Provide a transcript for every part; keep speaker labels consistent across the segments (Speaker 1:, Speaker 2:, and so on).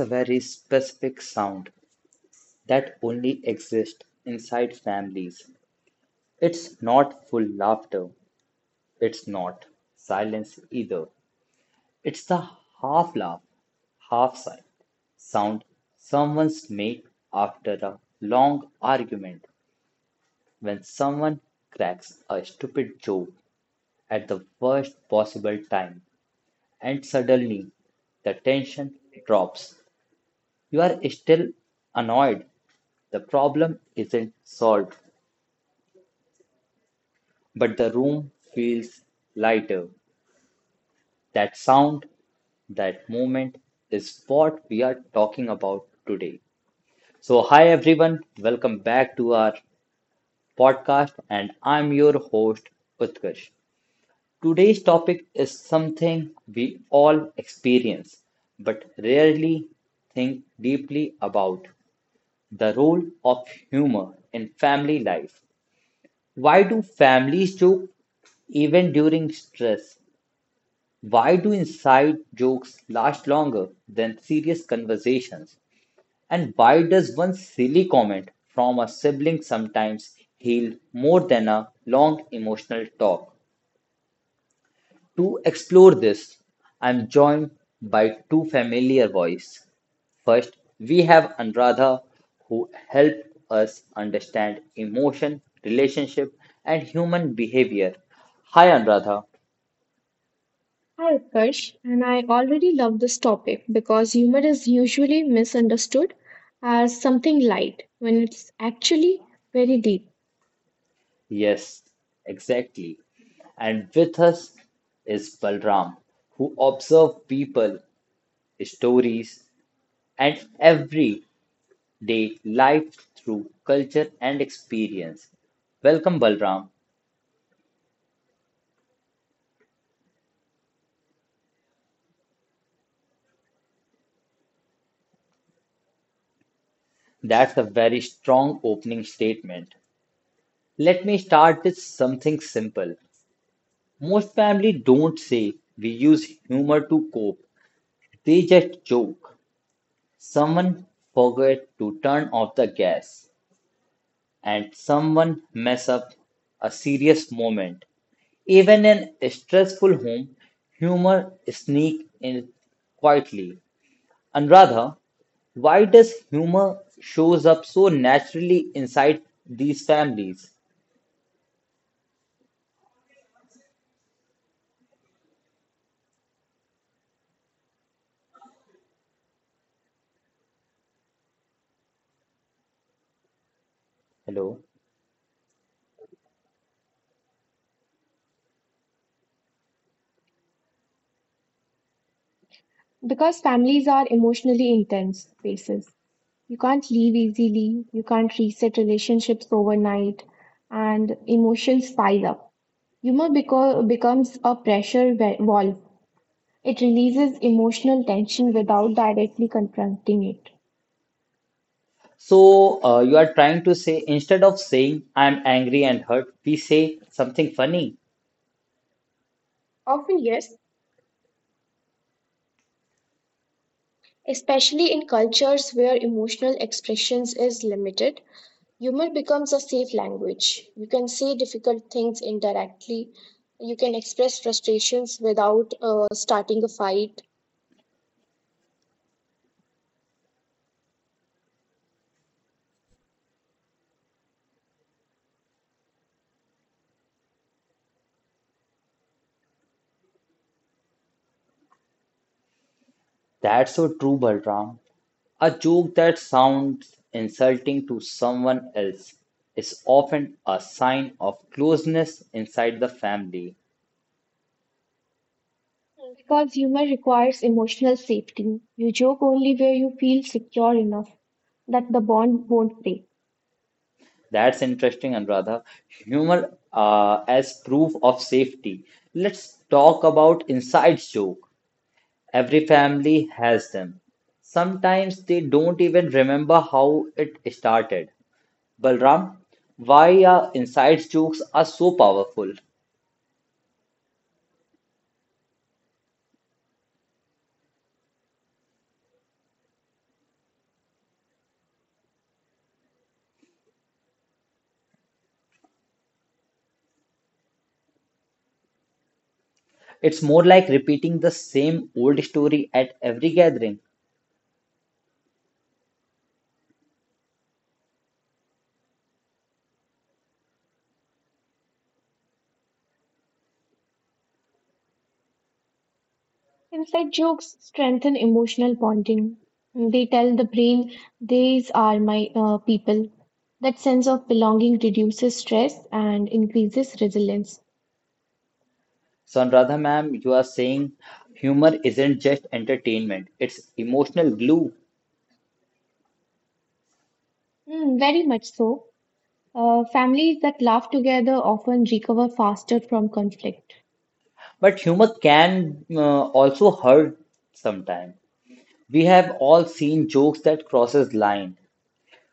Speaker 1: a very specific sound that only exists inside families. It's not full laughter. It's not silence either. It's the half laugh, half sigh sound someone's make after a long argument when someone cracks a stupid joke at the worst possible time and suddenly the tension drops. You are still annoyed. The problem isn't solved, but the room feels lighter. That sound, that moment, is what we are talking about today. So, hi everyone, welcome back to our podcast, and I'm your host Utkarsh. Today's topic is something we all experience but rarely think deeply about the role of humor in family life. Why do families joke? Even during stress, why do inside jokes last longer than serious conversations? And why does one silly comment from a sibling sometimes heal more than a long emotional talk? To explore this, I'm joined by two familiar voices. First, we have Anuradha, who helped us understand emotion, relationship, and human behavior. Hi, Anuradha.
Speaker 2: Hi, Utkarsh, and I already love this topic because humor is usually misunderstood as something light when it's actually very deep.
Speaker 1: Yes, exactly. And with us is Balram, who observed people, stories, and everyday life through culture and experience. Welcome, Balram. That's a very strong opening statement. Let me start with something simple. Most families don't say we use humor to cope, they just joke. Someone forgot to turn off the gas, and someone mess up a serious moment. Even in a stressful home, humor sneak in quietly. And rather, why does humor shows up so naturally inside these families? Hello.
Speaker 2: Because families are emotionally intense spaces. You can't leave easily, you can't reset relationships overnight, and emotions pile up. Humor becomes a pressure valve. It releases emotional tension without directly confronting it.
Speaker 1: So you are trying to say instead of saying I'm angry and hurt, we say something funny.
Speaker 2: Often, yes. Especially in cultures where emotional expressions is limited, humor becomes a safe language. You can say difficult things indirectly. You can express frustrations without starting a fight.
Speaker 1: That's so true, Balram. A joke that sounds insulting to someone else is often a sign of closeness inside the family.
Speaker 2: Because humor requires emotional safety. You joke only where you feel secure enough that the bond won't break.
Speaker 1: That's interesting, Anuradha. Humor as proof of safety. Let's talk about inside joke. Every family has them. Sometimes they don't even remember how it started. Balram, why are inside jokes are so powerful? It's more like repeating the same old story at every gathering.
Speaker 2: Inside jokes strengthen emotional bonding. They tell the brain, these are my people. That sense of belonging reduces stress and increases resilience.
Speaker 1: So, Anuradha ma'am, you are saying humor isn't just entertainment, it's emotional glue.
Speaker 2: Mm, very much so. Families that laugh together often recover faster from conflict.
Speaker 1: But humor can also hurt sometimes. We have all seen jokes that crosses line,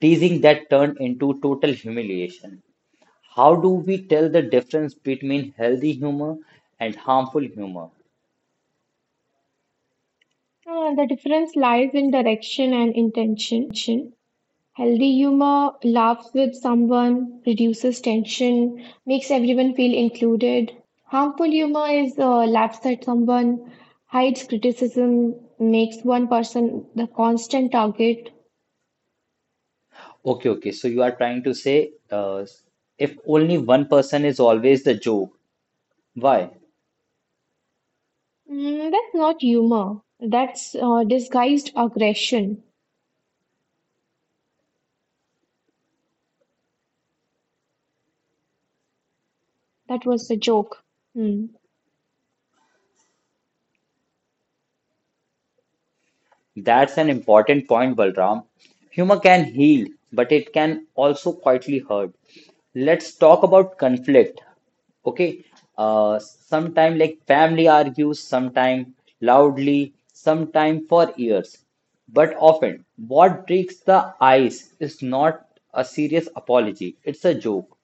Speaker 1: teasing that turn into total humiliation. How do we tell the difference between healthy humor and harmful humor?
Speaker 2: The difference lies in direction and intention. Healthy humor laughs with someone, reduces tension, makes everyone feel included. Harmful humor is laughs at someone, hides criticism, makes one person the constant target.
Speaker 1: Okay, okay. So you are trying to say if only one person is always the joke, why?
Speaker 2: Mm, that's not humor. That's disguised aggression. That was a joke. Hmm. Mm.
Speaker 1: That's an important point, Balram. Humor can heal, but it can also quietly hurt. Let's talk about conflict. Okay. Sometime like family argues, sometime loudly, sometime for years. But often, what breaks the ice is not a serious apology, it's a joke.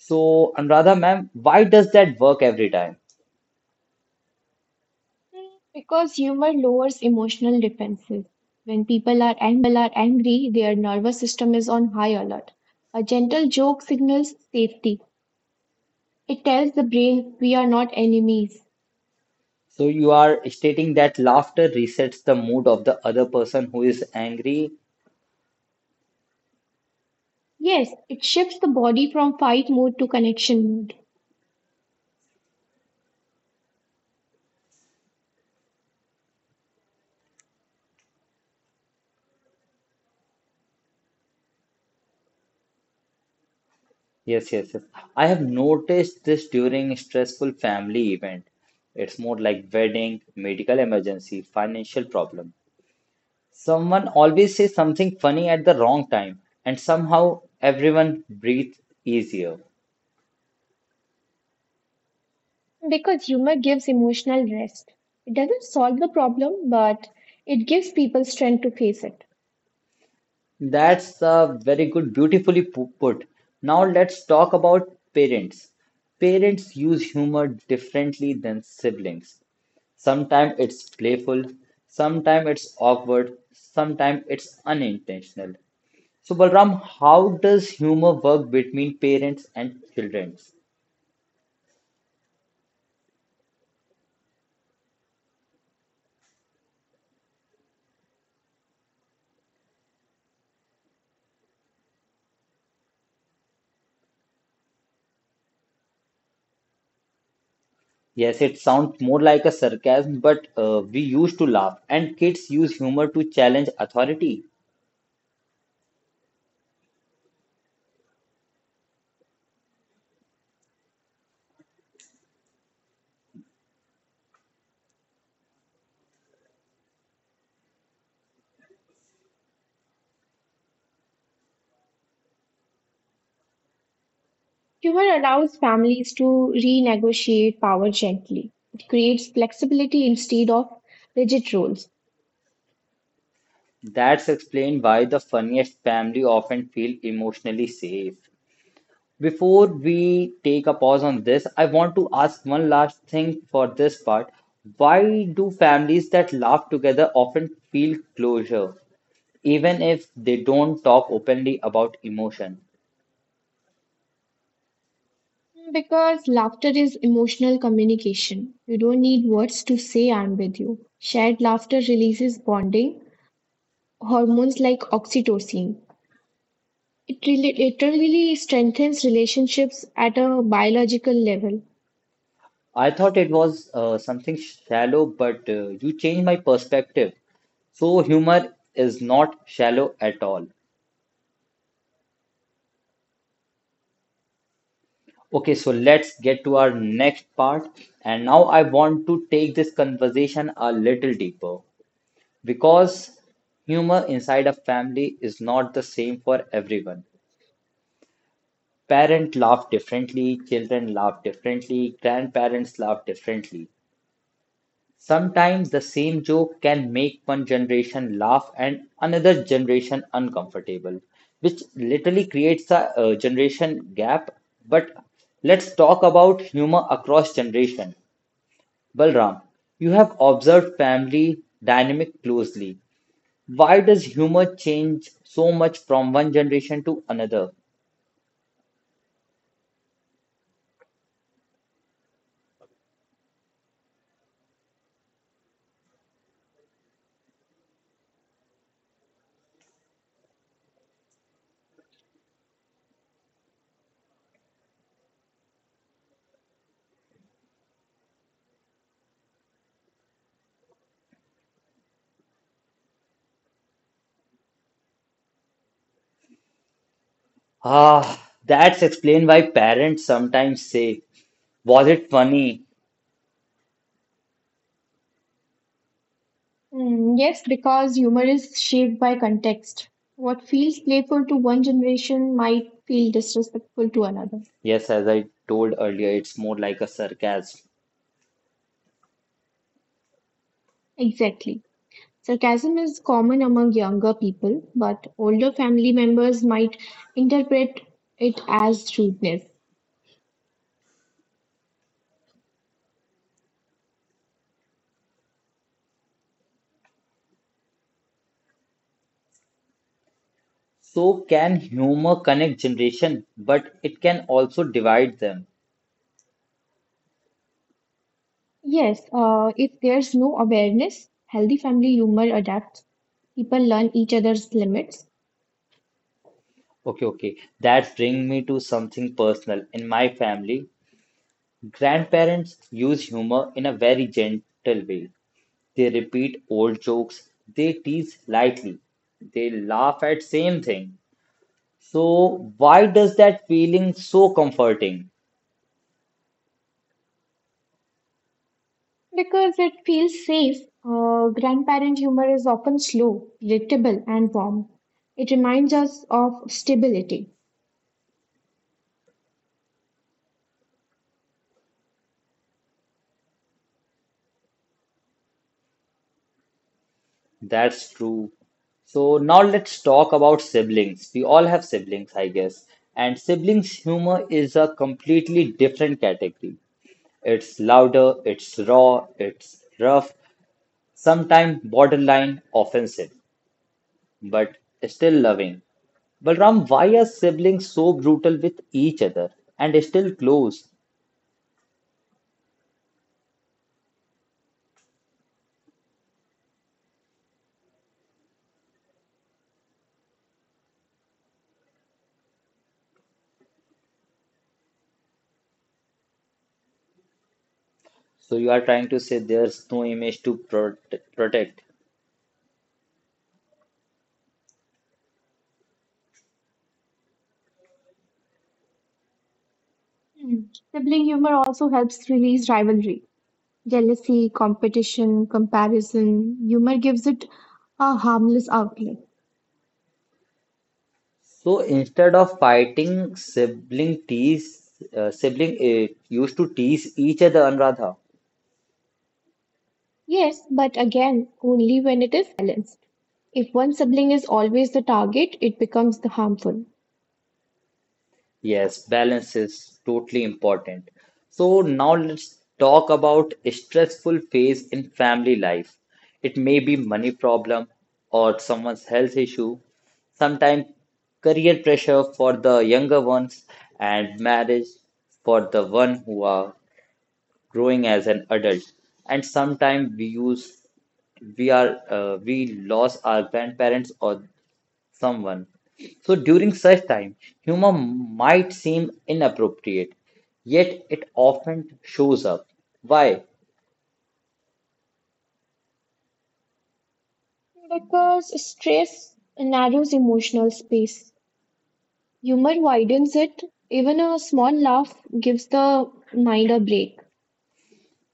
Speaker 1: So, Anuradha, ma'am, why does that work every time?
Speaker 2: Because humor lowers emotional defenses. When people are angry, their nervous system is on high alert. A gentle joke signals safety. It tells the brain we are not enemies.
Speaker 1: So you are stating that laughter resets the mood of the other person who is angry.
Speaker 2: Yes, it shifts the body from fight mode to connection mode.
Speaker 1: Yes, yes, yes. I have noticed this during stressful family event. It's more like wedding, medical emergency, financial problem. Someone always says something funny at the wrong time, and somehow everyone breathes easier.
Speaker 2: Because humor gives emotional rest. It doesn't solve the problem, but it gives people strength to face it.
Speaker 1: That's a very good, beautifully put. Now let's talk about parents. Parents use humor differently than siblings. Sometimes it's playful, sometimes it's awkward, sometimes it's unintentional. So, Balram, how does humor work between parents and children? Yes, it sounds more like a sarcasm, but we used to laugh, and kids use humor to challenge authority.
Speaker 2: Humor allows families to renegotiate power gently. It creates flexibility instead of rigid roles.
Speaker 1: That's explained why the funniest family often feel emotionally safe. Before we take a pause on this, I want to ask one last thing for this part. Why do families that laugh together often feel closure, even if they don't talk openly about emotion?
Speaker 2: Because laughter is emotional communication. You don't need words to say I'm with you. Shared laughter releases bonding hormones like oxytocin. It really strengthens relationships at a biological level.
Speaker 1: I thought it was something shallow, but you changed my perspective. So humor is not shallow at all. Okay, so let's get to our next part. And now I want to take this conversation a little deeper because humor inside a family is not the same for everyone. Parents laugh differently, children laugh differently, grandparents laugh differently. Sometimes the same joke can make one generation laugh and another generation uncomfortable, which literally creates a generation gap. But let's talk about humor across generation. Balram, you have observed family dynamic closely. Why does humor change so much from one generation to another? Ah, that's explained why parents sometimes say, was it funny?
Speaker 2: Mm, yes, because humor is shaped by context. What feels playful to one generation might feel disrespectful to another.
Speaker 1: Yes, as I told earlier, it's more like a sarcasm.
Speaker 2: Exactly. Sarcasm is common among younger people, but older family members might interpret it as rudeness.
Speaker 1: So, can humor connect generation, but it can also divide them?
Speaker 2: Yes, if there's no awareness, healthy family humor adapts. People learn each other's limits.
Speaker 1: Okay, okay. That brings me to something personal. In my family, grandparents use humor in a very gentle way. They repeat old jokes, they tease lightly, they laugh at same thing. So why does that feeling so comforting?
Speaker 2: Because it feels safe, grandparent humor is often slow, predictable, and warm. It reminds us of stability.
Speaker 1: That's true. So now let's talk about siblings. We all have siblings, I guess. And siblings' humor is a completely different category. It's louder, it's raw, it's rough, sometimes borderline offensive, but still loving. Balram, why are siblings so brutal with each other and still close? So you are trying to say there's no image to protect.
Speaker 2: Hmm. Sibling humor also helps release rivalry, jealousy, competition, comparison. Humor gives it a harmless outlet.
Speaker 1: So instead of fighting, sibling used to tease each other, Anuradha.
Speaker 2: Yes, but again, only when it is balanced. If one sibling is always the target, it becomes the harmful.
Speaker 1: Yes, balance is totally important. So now let's talk about a stressful phase in family life. It may be money problem or someone's health issue, sometimes career pressure for the younger ones and marriage for the one who are growing as an adult. And sometimes we use we are we lost our grandparents or someone. So during such time, humor might seem inappropriate, yet it often shows up. Why?
Speaker 2: Because stress narrows emotional space. Humor widens it. Even a small laugh gives the mind a break.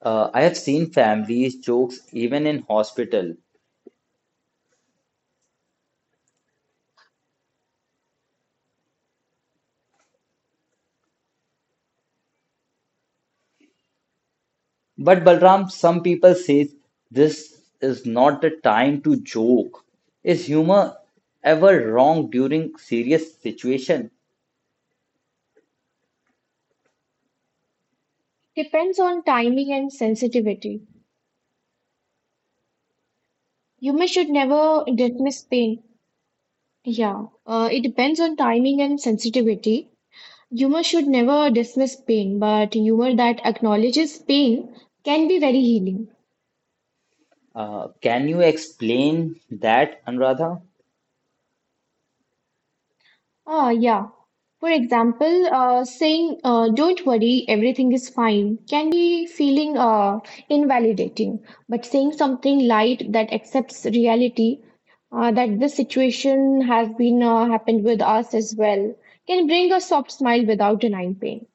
Speaker 1: I have seen families jokes even in hospital. But Balram, some people say this is not the time to joke. Is humor ever wrong during serious situation?
Speaker 2: Depends on timing and sensitivity. Humor should never dismiss pain. Yeah, it depends on timing and sensitivity. Humor should never dismiss pain, but humor that acknowledges pain can be very healing.
Speaker 1: Can you explain that, Anuradha?
Speaker 2: Ah, yeah. For example, saying, don't worry, everything is fine can be feeling invalidating. But saying something light that accepts reality, that this situation has been happened with us as well, can bring a soft smile without denying pain.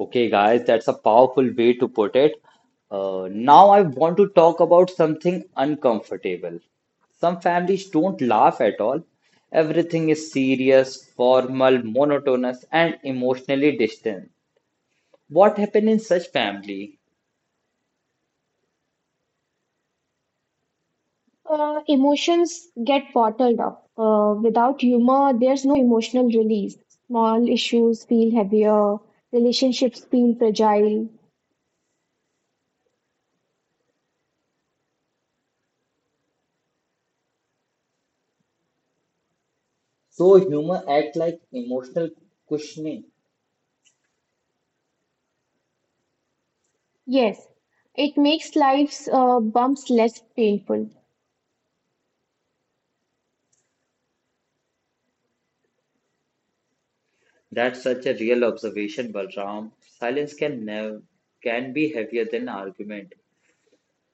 Speaker 1: Okay, guys, that's a powerful way to put it. Now, I want to talk about something uncomfortable. Some families don't laugh at all. Everything is serious, formal, monotonous, and emotionally distant. What happened in such family?
Speaker 2: Emotions get bottled up. Without humor, there's no emotional release. Small issues feel heavier, relationships feel fragile.
Speaker 1: So humor act like emotional cushioning.
Speaker 2: Yes, it makes life's bumps less painful.
Speaker 1: That's such a real observation, Balram. Silence can be heavier than argument.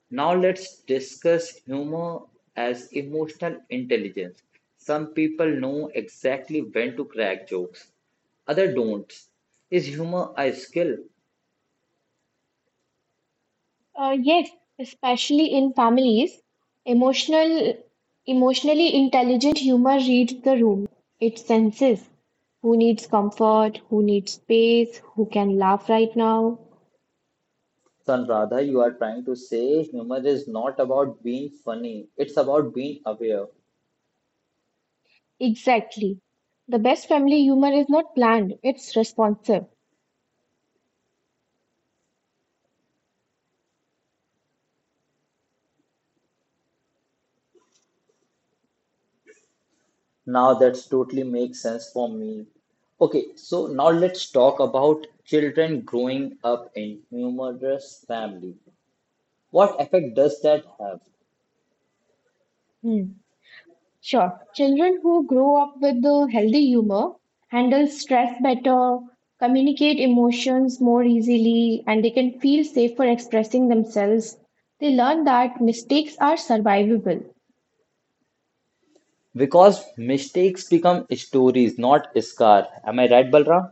Speaker 1: Now let's discuss humor as emotional intelligence. Some people know exactly when to crack jokes, others don't. Is humor a skill?
Speaker 2: Yes, especially in families, emotional, emotionally intelligent humor reads the room. It senses who needs comfort, who needs space, who can laugh right now.
Speaker 1: Sanradha, you are trying to say humor is not about being funny, it's about being aware.
Speaker 2: Exactly. The best family humor is not planned, it's responsive.
Speaker 1: Now that's totally makes sense for me. Okay, so now let's talk about children growing up in humorous family. What effect does that have?
Speaker 2: Hmm. Sure. Children who grow up with the healthy humor handle stress better, communicate emotions more easily, and they can feel safe for expressing themselves. They learn that mistakes are survivable.
Speaker 1: Because mistakes become stories, not scar. Am I right, Balram?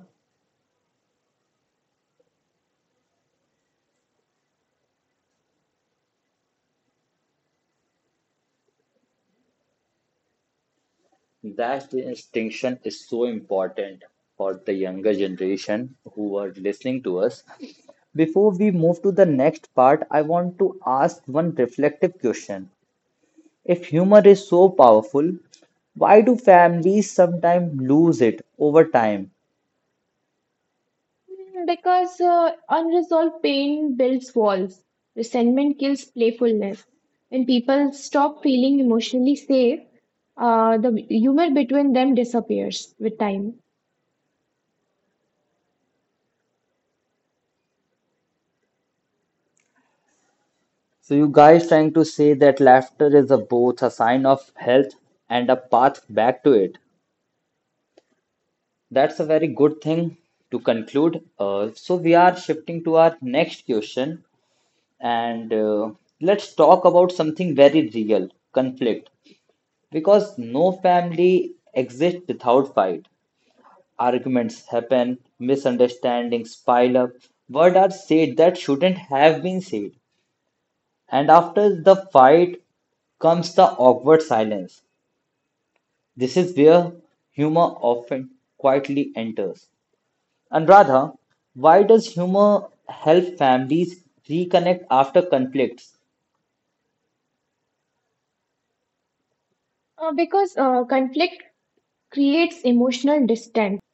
Speaker 1: That distinction is so important for the younger generation who are listening to us. Before we move to the next part, I want to ask one reflective question. If humor is so powerful, why do families sometimes lose it over time?
Speaker 2: Mm. Because unresolved pain builds walls. Resentment kills playfulness. When people stop feeling emotionally safe, the humor between them disappears with time.
Speaker 1: So you guys trying to say that laughter is a both a sign of health and a path back to it. That's a very good thing to conclude. So we are shifting to our next question, and let's talk about something very real, conflict. Because no family exists without fight. Arguments happen, misunderstandings pile up, words are said that shouldn't have been said, and after the fight comes the awkward silence. This is where humor often quietly enters. And Radha, why does humor help families reconnect after conflicts?
Speaker 2: Because conflict creates emotional distance.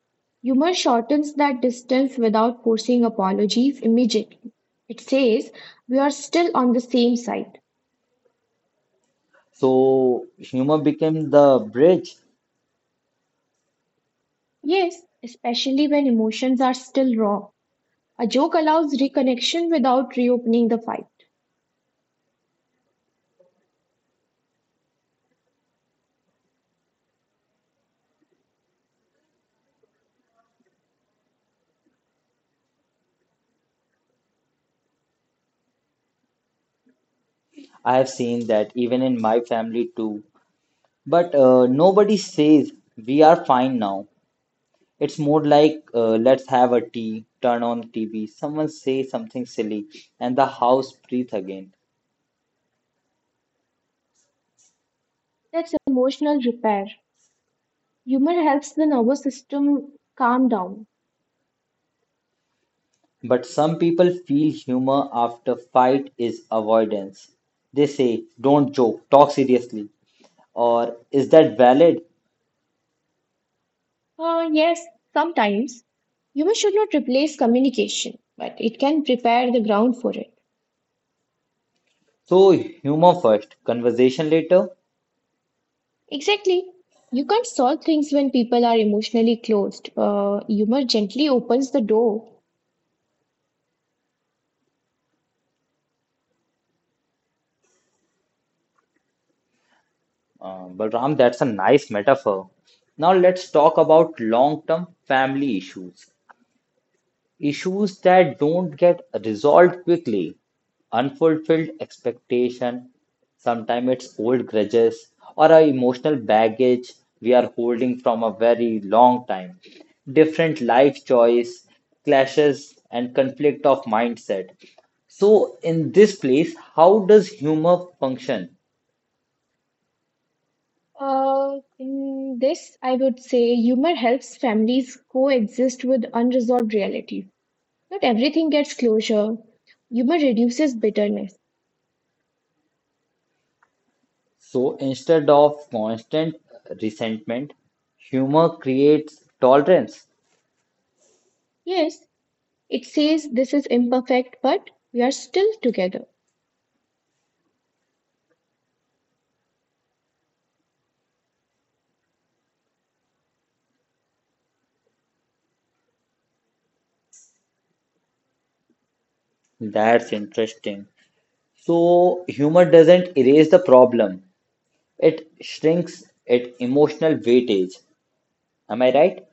Speaker 2: Humor shortens that distance without forcing apologies immediately. It says, we are still on the same side.
Speaker 1: So, humor became the bridge.
Speaker 2: Yes, especially when emotions are still raw. A joke allows reconnection without reopening the fight.
Speaker 1: I have seen that even in my family too. But nobody says we are fine now. It's more like let's have a tea, turn on TV, someone say something silly, and the house breathe again.
Speaker 2: That's emotional repair. Humor helps the nervous system calm down.
Speaker 1: But some people feel humor after fight is avoidance. They say, don't joke, talk seriously. Or is that valid?
Speaker 2: Yes, sometimes. Humor should not replace communication, but it can prepare the ground for it.
Speaker 1: So, humor first, conversation later.
Speaker 2: Exactly. You can't solve things when people are emotionally closed. Humor gently opens the door.
Speaker 1: Balram, that's a nice metaphor. Now, let's talk about long term family issues. Issues that don't get resolved quickly, unfulfilled expectation, sometimes it's old grudges or our emotional baggage we are holding from a very long time, different life choice, clashes and conflict of mindset. So in this place, how does humor function?
Speaker 2: In this, I would say humor helps families coexist with unresolved realities. Not everything gets closure. Humor reduces bitterness.
Speaker 1: So instead of constant resentment, humor creates tolerance.
Speaker 2: Yes, it says this is imperfect, but we are still together.
Speaker 1: That's interesting. So, humor doesn't erase the problem, it shrinks its emotional weightage. Am I right?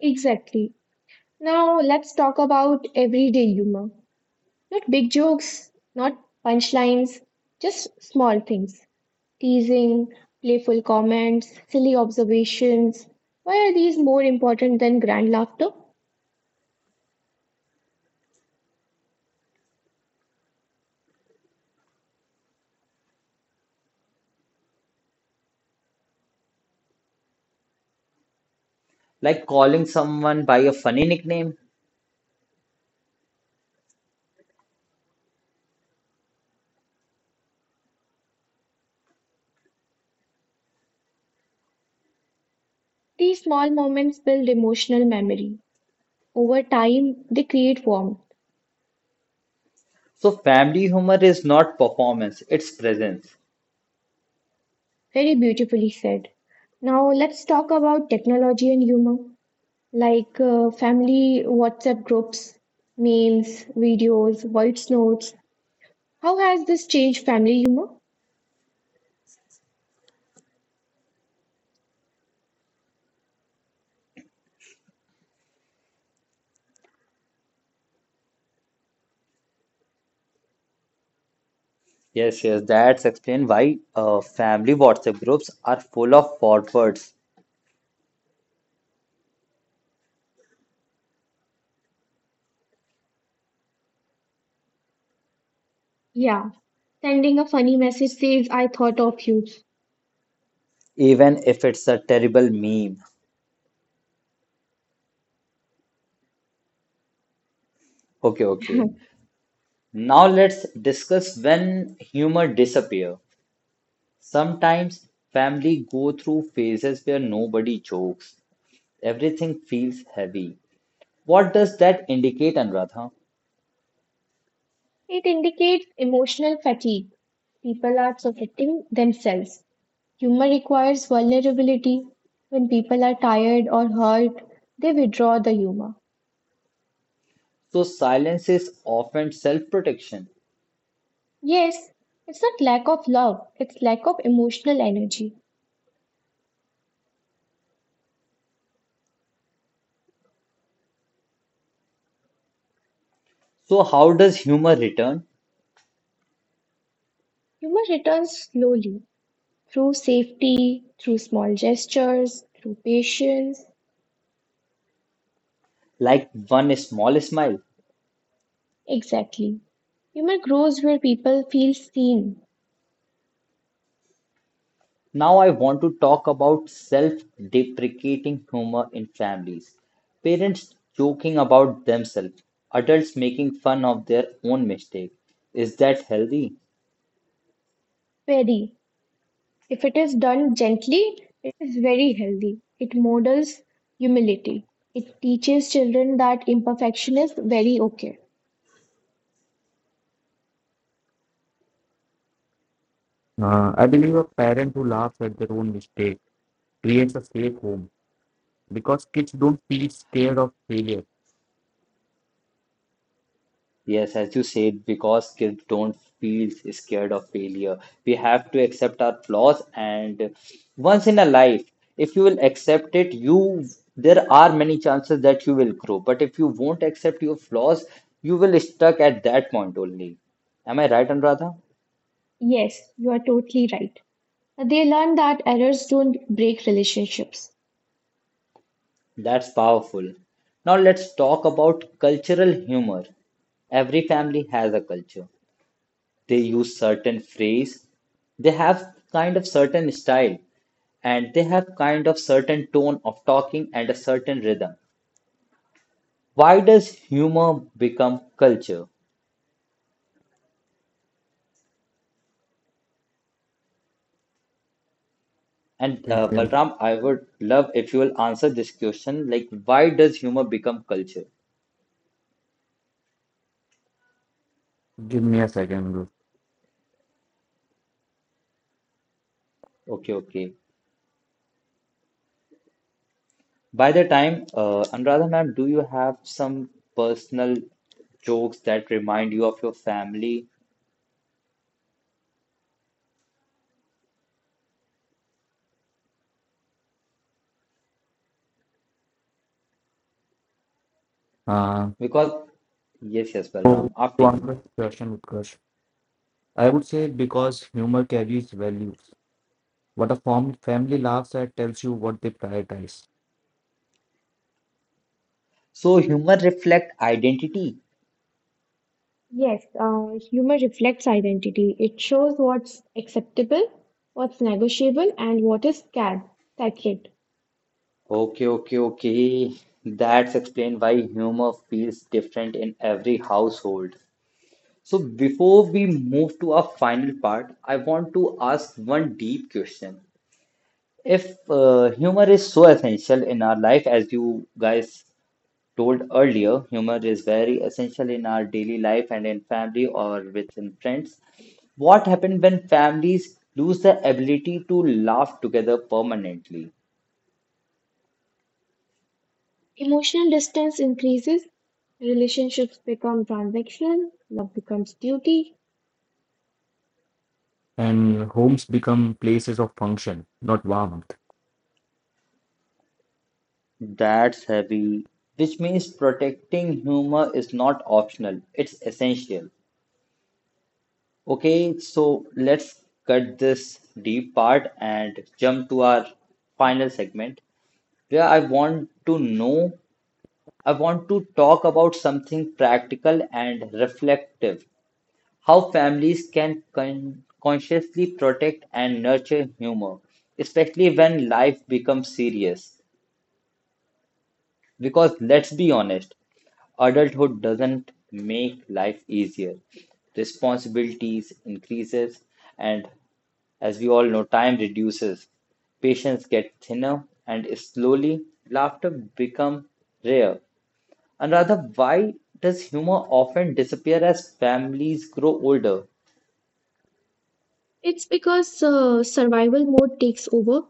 Speaker 2: Exactly. Now let's talk about everyday humor. Not big jokes, not punchlines, just small things. Teasing, playful comments, silly observations. Why are these more important than grand laughter?
Speaker 1: Like calling someone by a funny nickname.
Speaker 2: These small moments build emotional memory. Over time, they create warmth.
Speaker 1: So, family humor is not performance, it's presence.
Speaker 2: Very beautifully said. Now let's talk about technology and humor. Like family WhatsApp groups, memes, videos, voice notes. How has this changed family humor?
Speaker 1: Yes, yes, that's explain why family WhatsApp groups are full of forwards,
Speaker 2: Yeah, sending a funny message says, I thought of you.
Speaker 1: even if it's a terrible meme. Okay, okay. Now let's discuss when humor disappear. Sometimes family go through phases where nobody jokes. Everything feels heavy. What does that indicate, Anuradha?
Speaker 2: It indicates emotional fatigue. People are protecting themselves. Humor requires vulnerability. When people are tired or hurt, they withdraw the humor.
Speaker 1: So, silence is often self protection.
Speaker 2: Yes, it's not lack of love, it's lack of emotional energy.
Speaker 1: So, how does humor return?
Speaker 2: Humor returns slowly, through safety, through small gestures, through patience.
Speaker 1: Like one small smile.
Speaker 2: Exactly. Humor grows where people feel seen.
Speaker 1: Now, I want to talk about self deprecating humor in families. Parents joking about themselves, adults making fun of their own mistake. Is that healthy?
Speaker 2: Very. If it is done gently, it is very healthy. It models humility. It teaches children that imperfection is very okay.
Speaker 3: I believe a parent who laughs at their own mistake creates a safe home because kids don't feel scared of failure.
Speaker 1: Yes, as you said, because kids don't feel scared of failure. We have to accept our flaws, and once in a life, if you will accept it, you there are many chances that you will grow. But if you won't accept your flaws, you will stuck at that point only. Am I right, Anuradha?
Speaker 2: Yes, you are totally right. They learn that errors don't break relationships.
Speaker 1: That's powerful. Now let's talk about cultural humor. Every family has a culture. They use certain phrase, they have kind of certain style, and they have kind of certain tone of talking and a certain rhythm. Why does humor become culture? And
Speaker 3: Give me a,
Speaker 1: Balram, I would love if you will answer this question, like why does humor become culture.
Speaker 3: give me a second, bro.
Speaker 1: Okay, okay. By the time, Anuradha ma'am, do you have some personal jokes that remind you of your family?
Speaker 3: Uh,
Speaker 1: Because yes, yes,
Speaker 3: so
Speaker 1: Balram, after
Speaker 3: to
Speaker 1: you.
Speaker 3: answer this question, Utkarsh, I would say because humor carries values. What a form, family laughs at tells you what they prioritize,
Speaker 1: So humor reflect identity.
Speaker 2: Yes, humor reflects identity. It shows what's acceptable, what's negotiable, and what is scared, sacred.
Speaker 1: Okay, okay, okay. That's explain why humor feels different in every household. So before we move to our final part, I want to ask one deep question. If humor is so essential in our life, as you guys told earlier, humor is very essential in our daily life and in family or within friends. What happens when families lose the ability to laugh together permanently?
Speaker 2: Emotional distance increases, relationships become transactional, love becomes duty.
Speaker 3: and homes become places of function, not warmth.
Speaker 1: That's heavy. Which means protecting humor is not optional, it's essential. Okay, so let's cut this deep part and jump to our final segment where I want to talk about something practical and reflective how families can consciously protect and nurture humor, especially when life becomes serious. Because let's be honest, adulthood doesn't make life easier. Responsibilities increases, and as we all know, time reduces. Patience get thinner, and slowly laughter become rare. And rather, why does humor often disappear as families grow older?
Speaker 2: It's because survival mode takes over.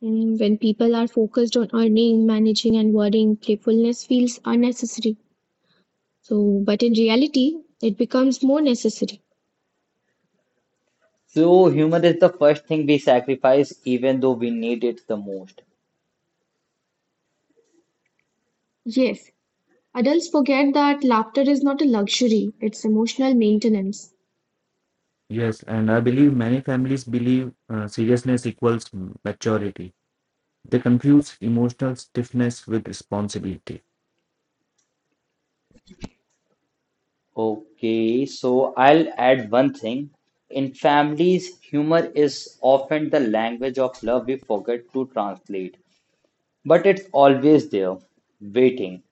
Speaker 2: And when people are focused on earning, managing, and worrying, playfulness feels unnecessary. So, but in reality, it becomes more necessary.
Speaker 1: So humor is the first thing we sacrifice, even though we need it the most.
Speaker 2: Yes, adults forget that laughter is not a luxury, it's emotional maintenance.
Speaker 3: Yes, and I believe many families believe seriousness equals maturity. They confuse emotional stiffness with responsibility.
Speaker 1: Okay, so I'll add one thing. In families, humor is often the language of love we forget to translate, but it's always there, waiting.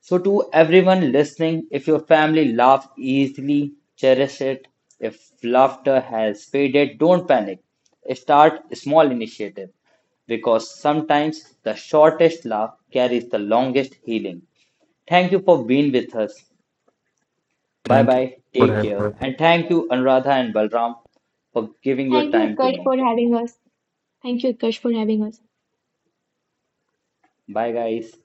Speaker 1: So, to everyone listening, if your family laughs easily, cherish it. If laughter has faded, don't panic. Start a small initiative because sometimes the shortest laugh carries the longest healing. Thank you for being with us. Bye
Speaker 3: Thank you
Speaker 1: bye,
Speaker 3: for
Speaker 1: take care,
Speaker 3: that.
Speaker 1: and thank you, Anuradha and Balram, for giving your
Speaker 2: Thank you,
Speaker 1: time to
Speaker 2: Utkarsh,
Speaker 1: me.
Speaker 2: for having us. Thank you, Utkarsh, for having us.
Speaker 1: Bye, guys.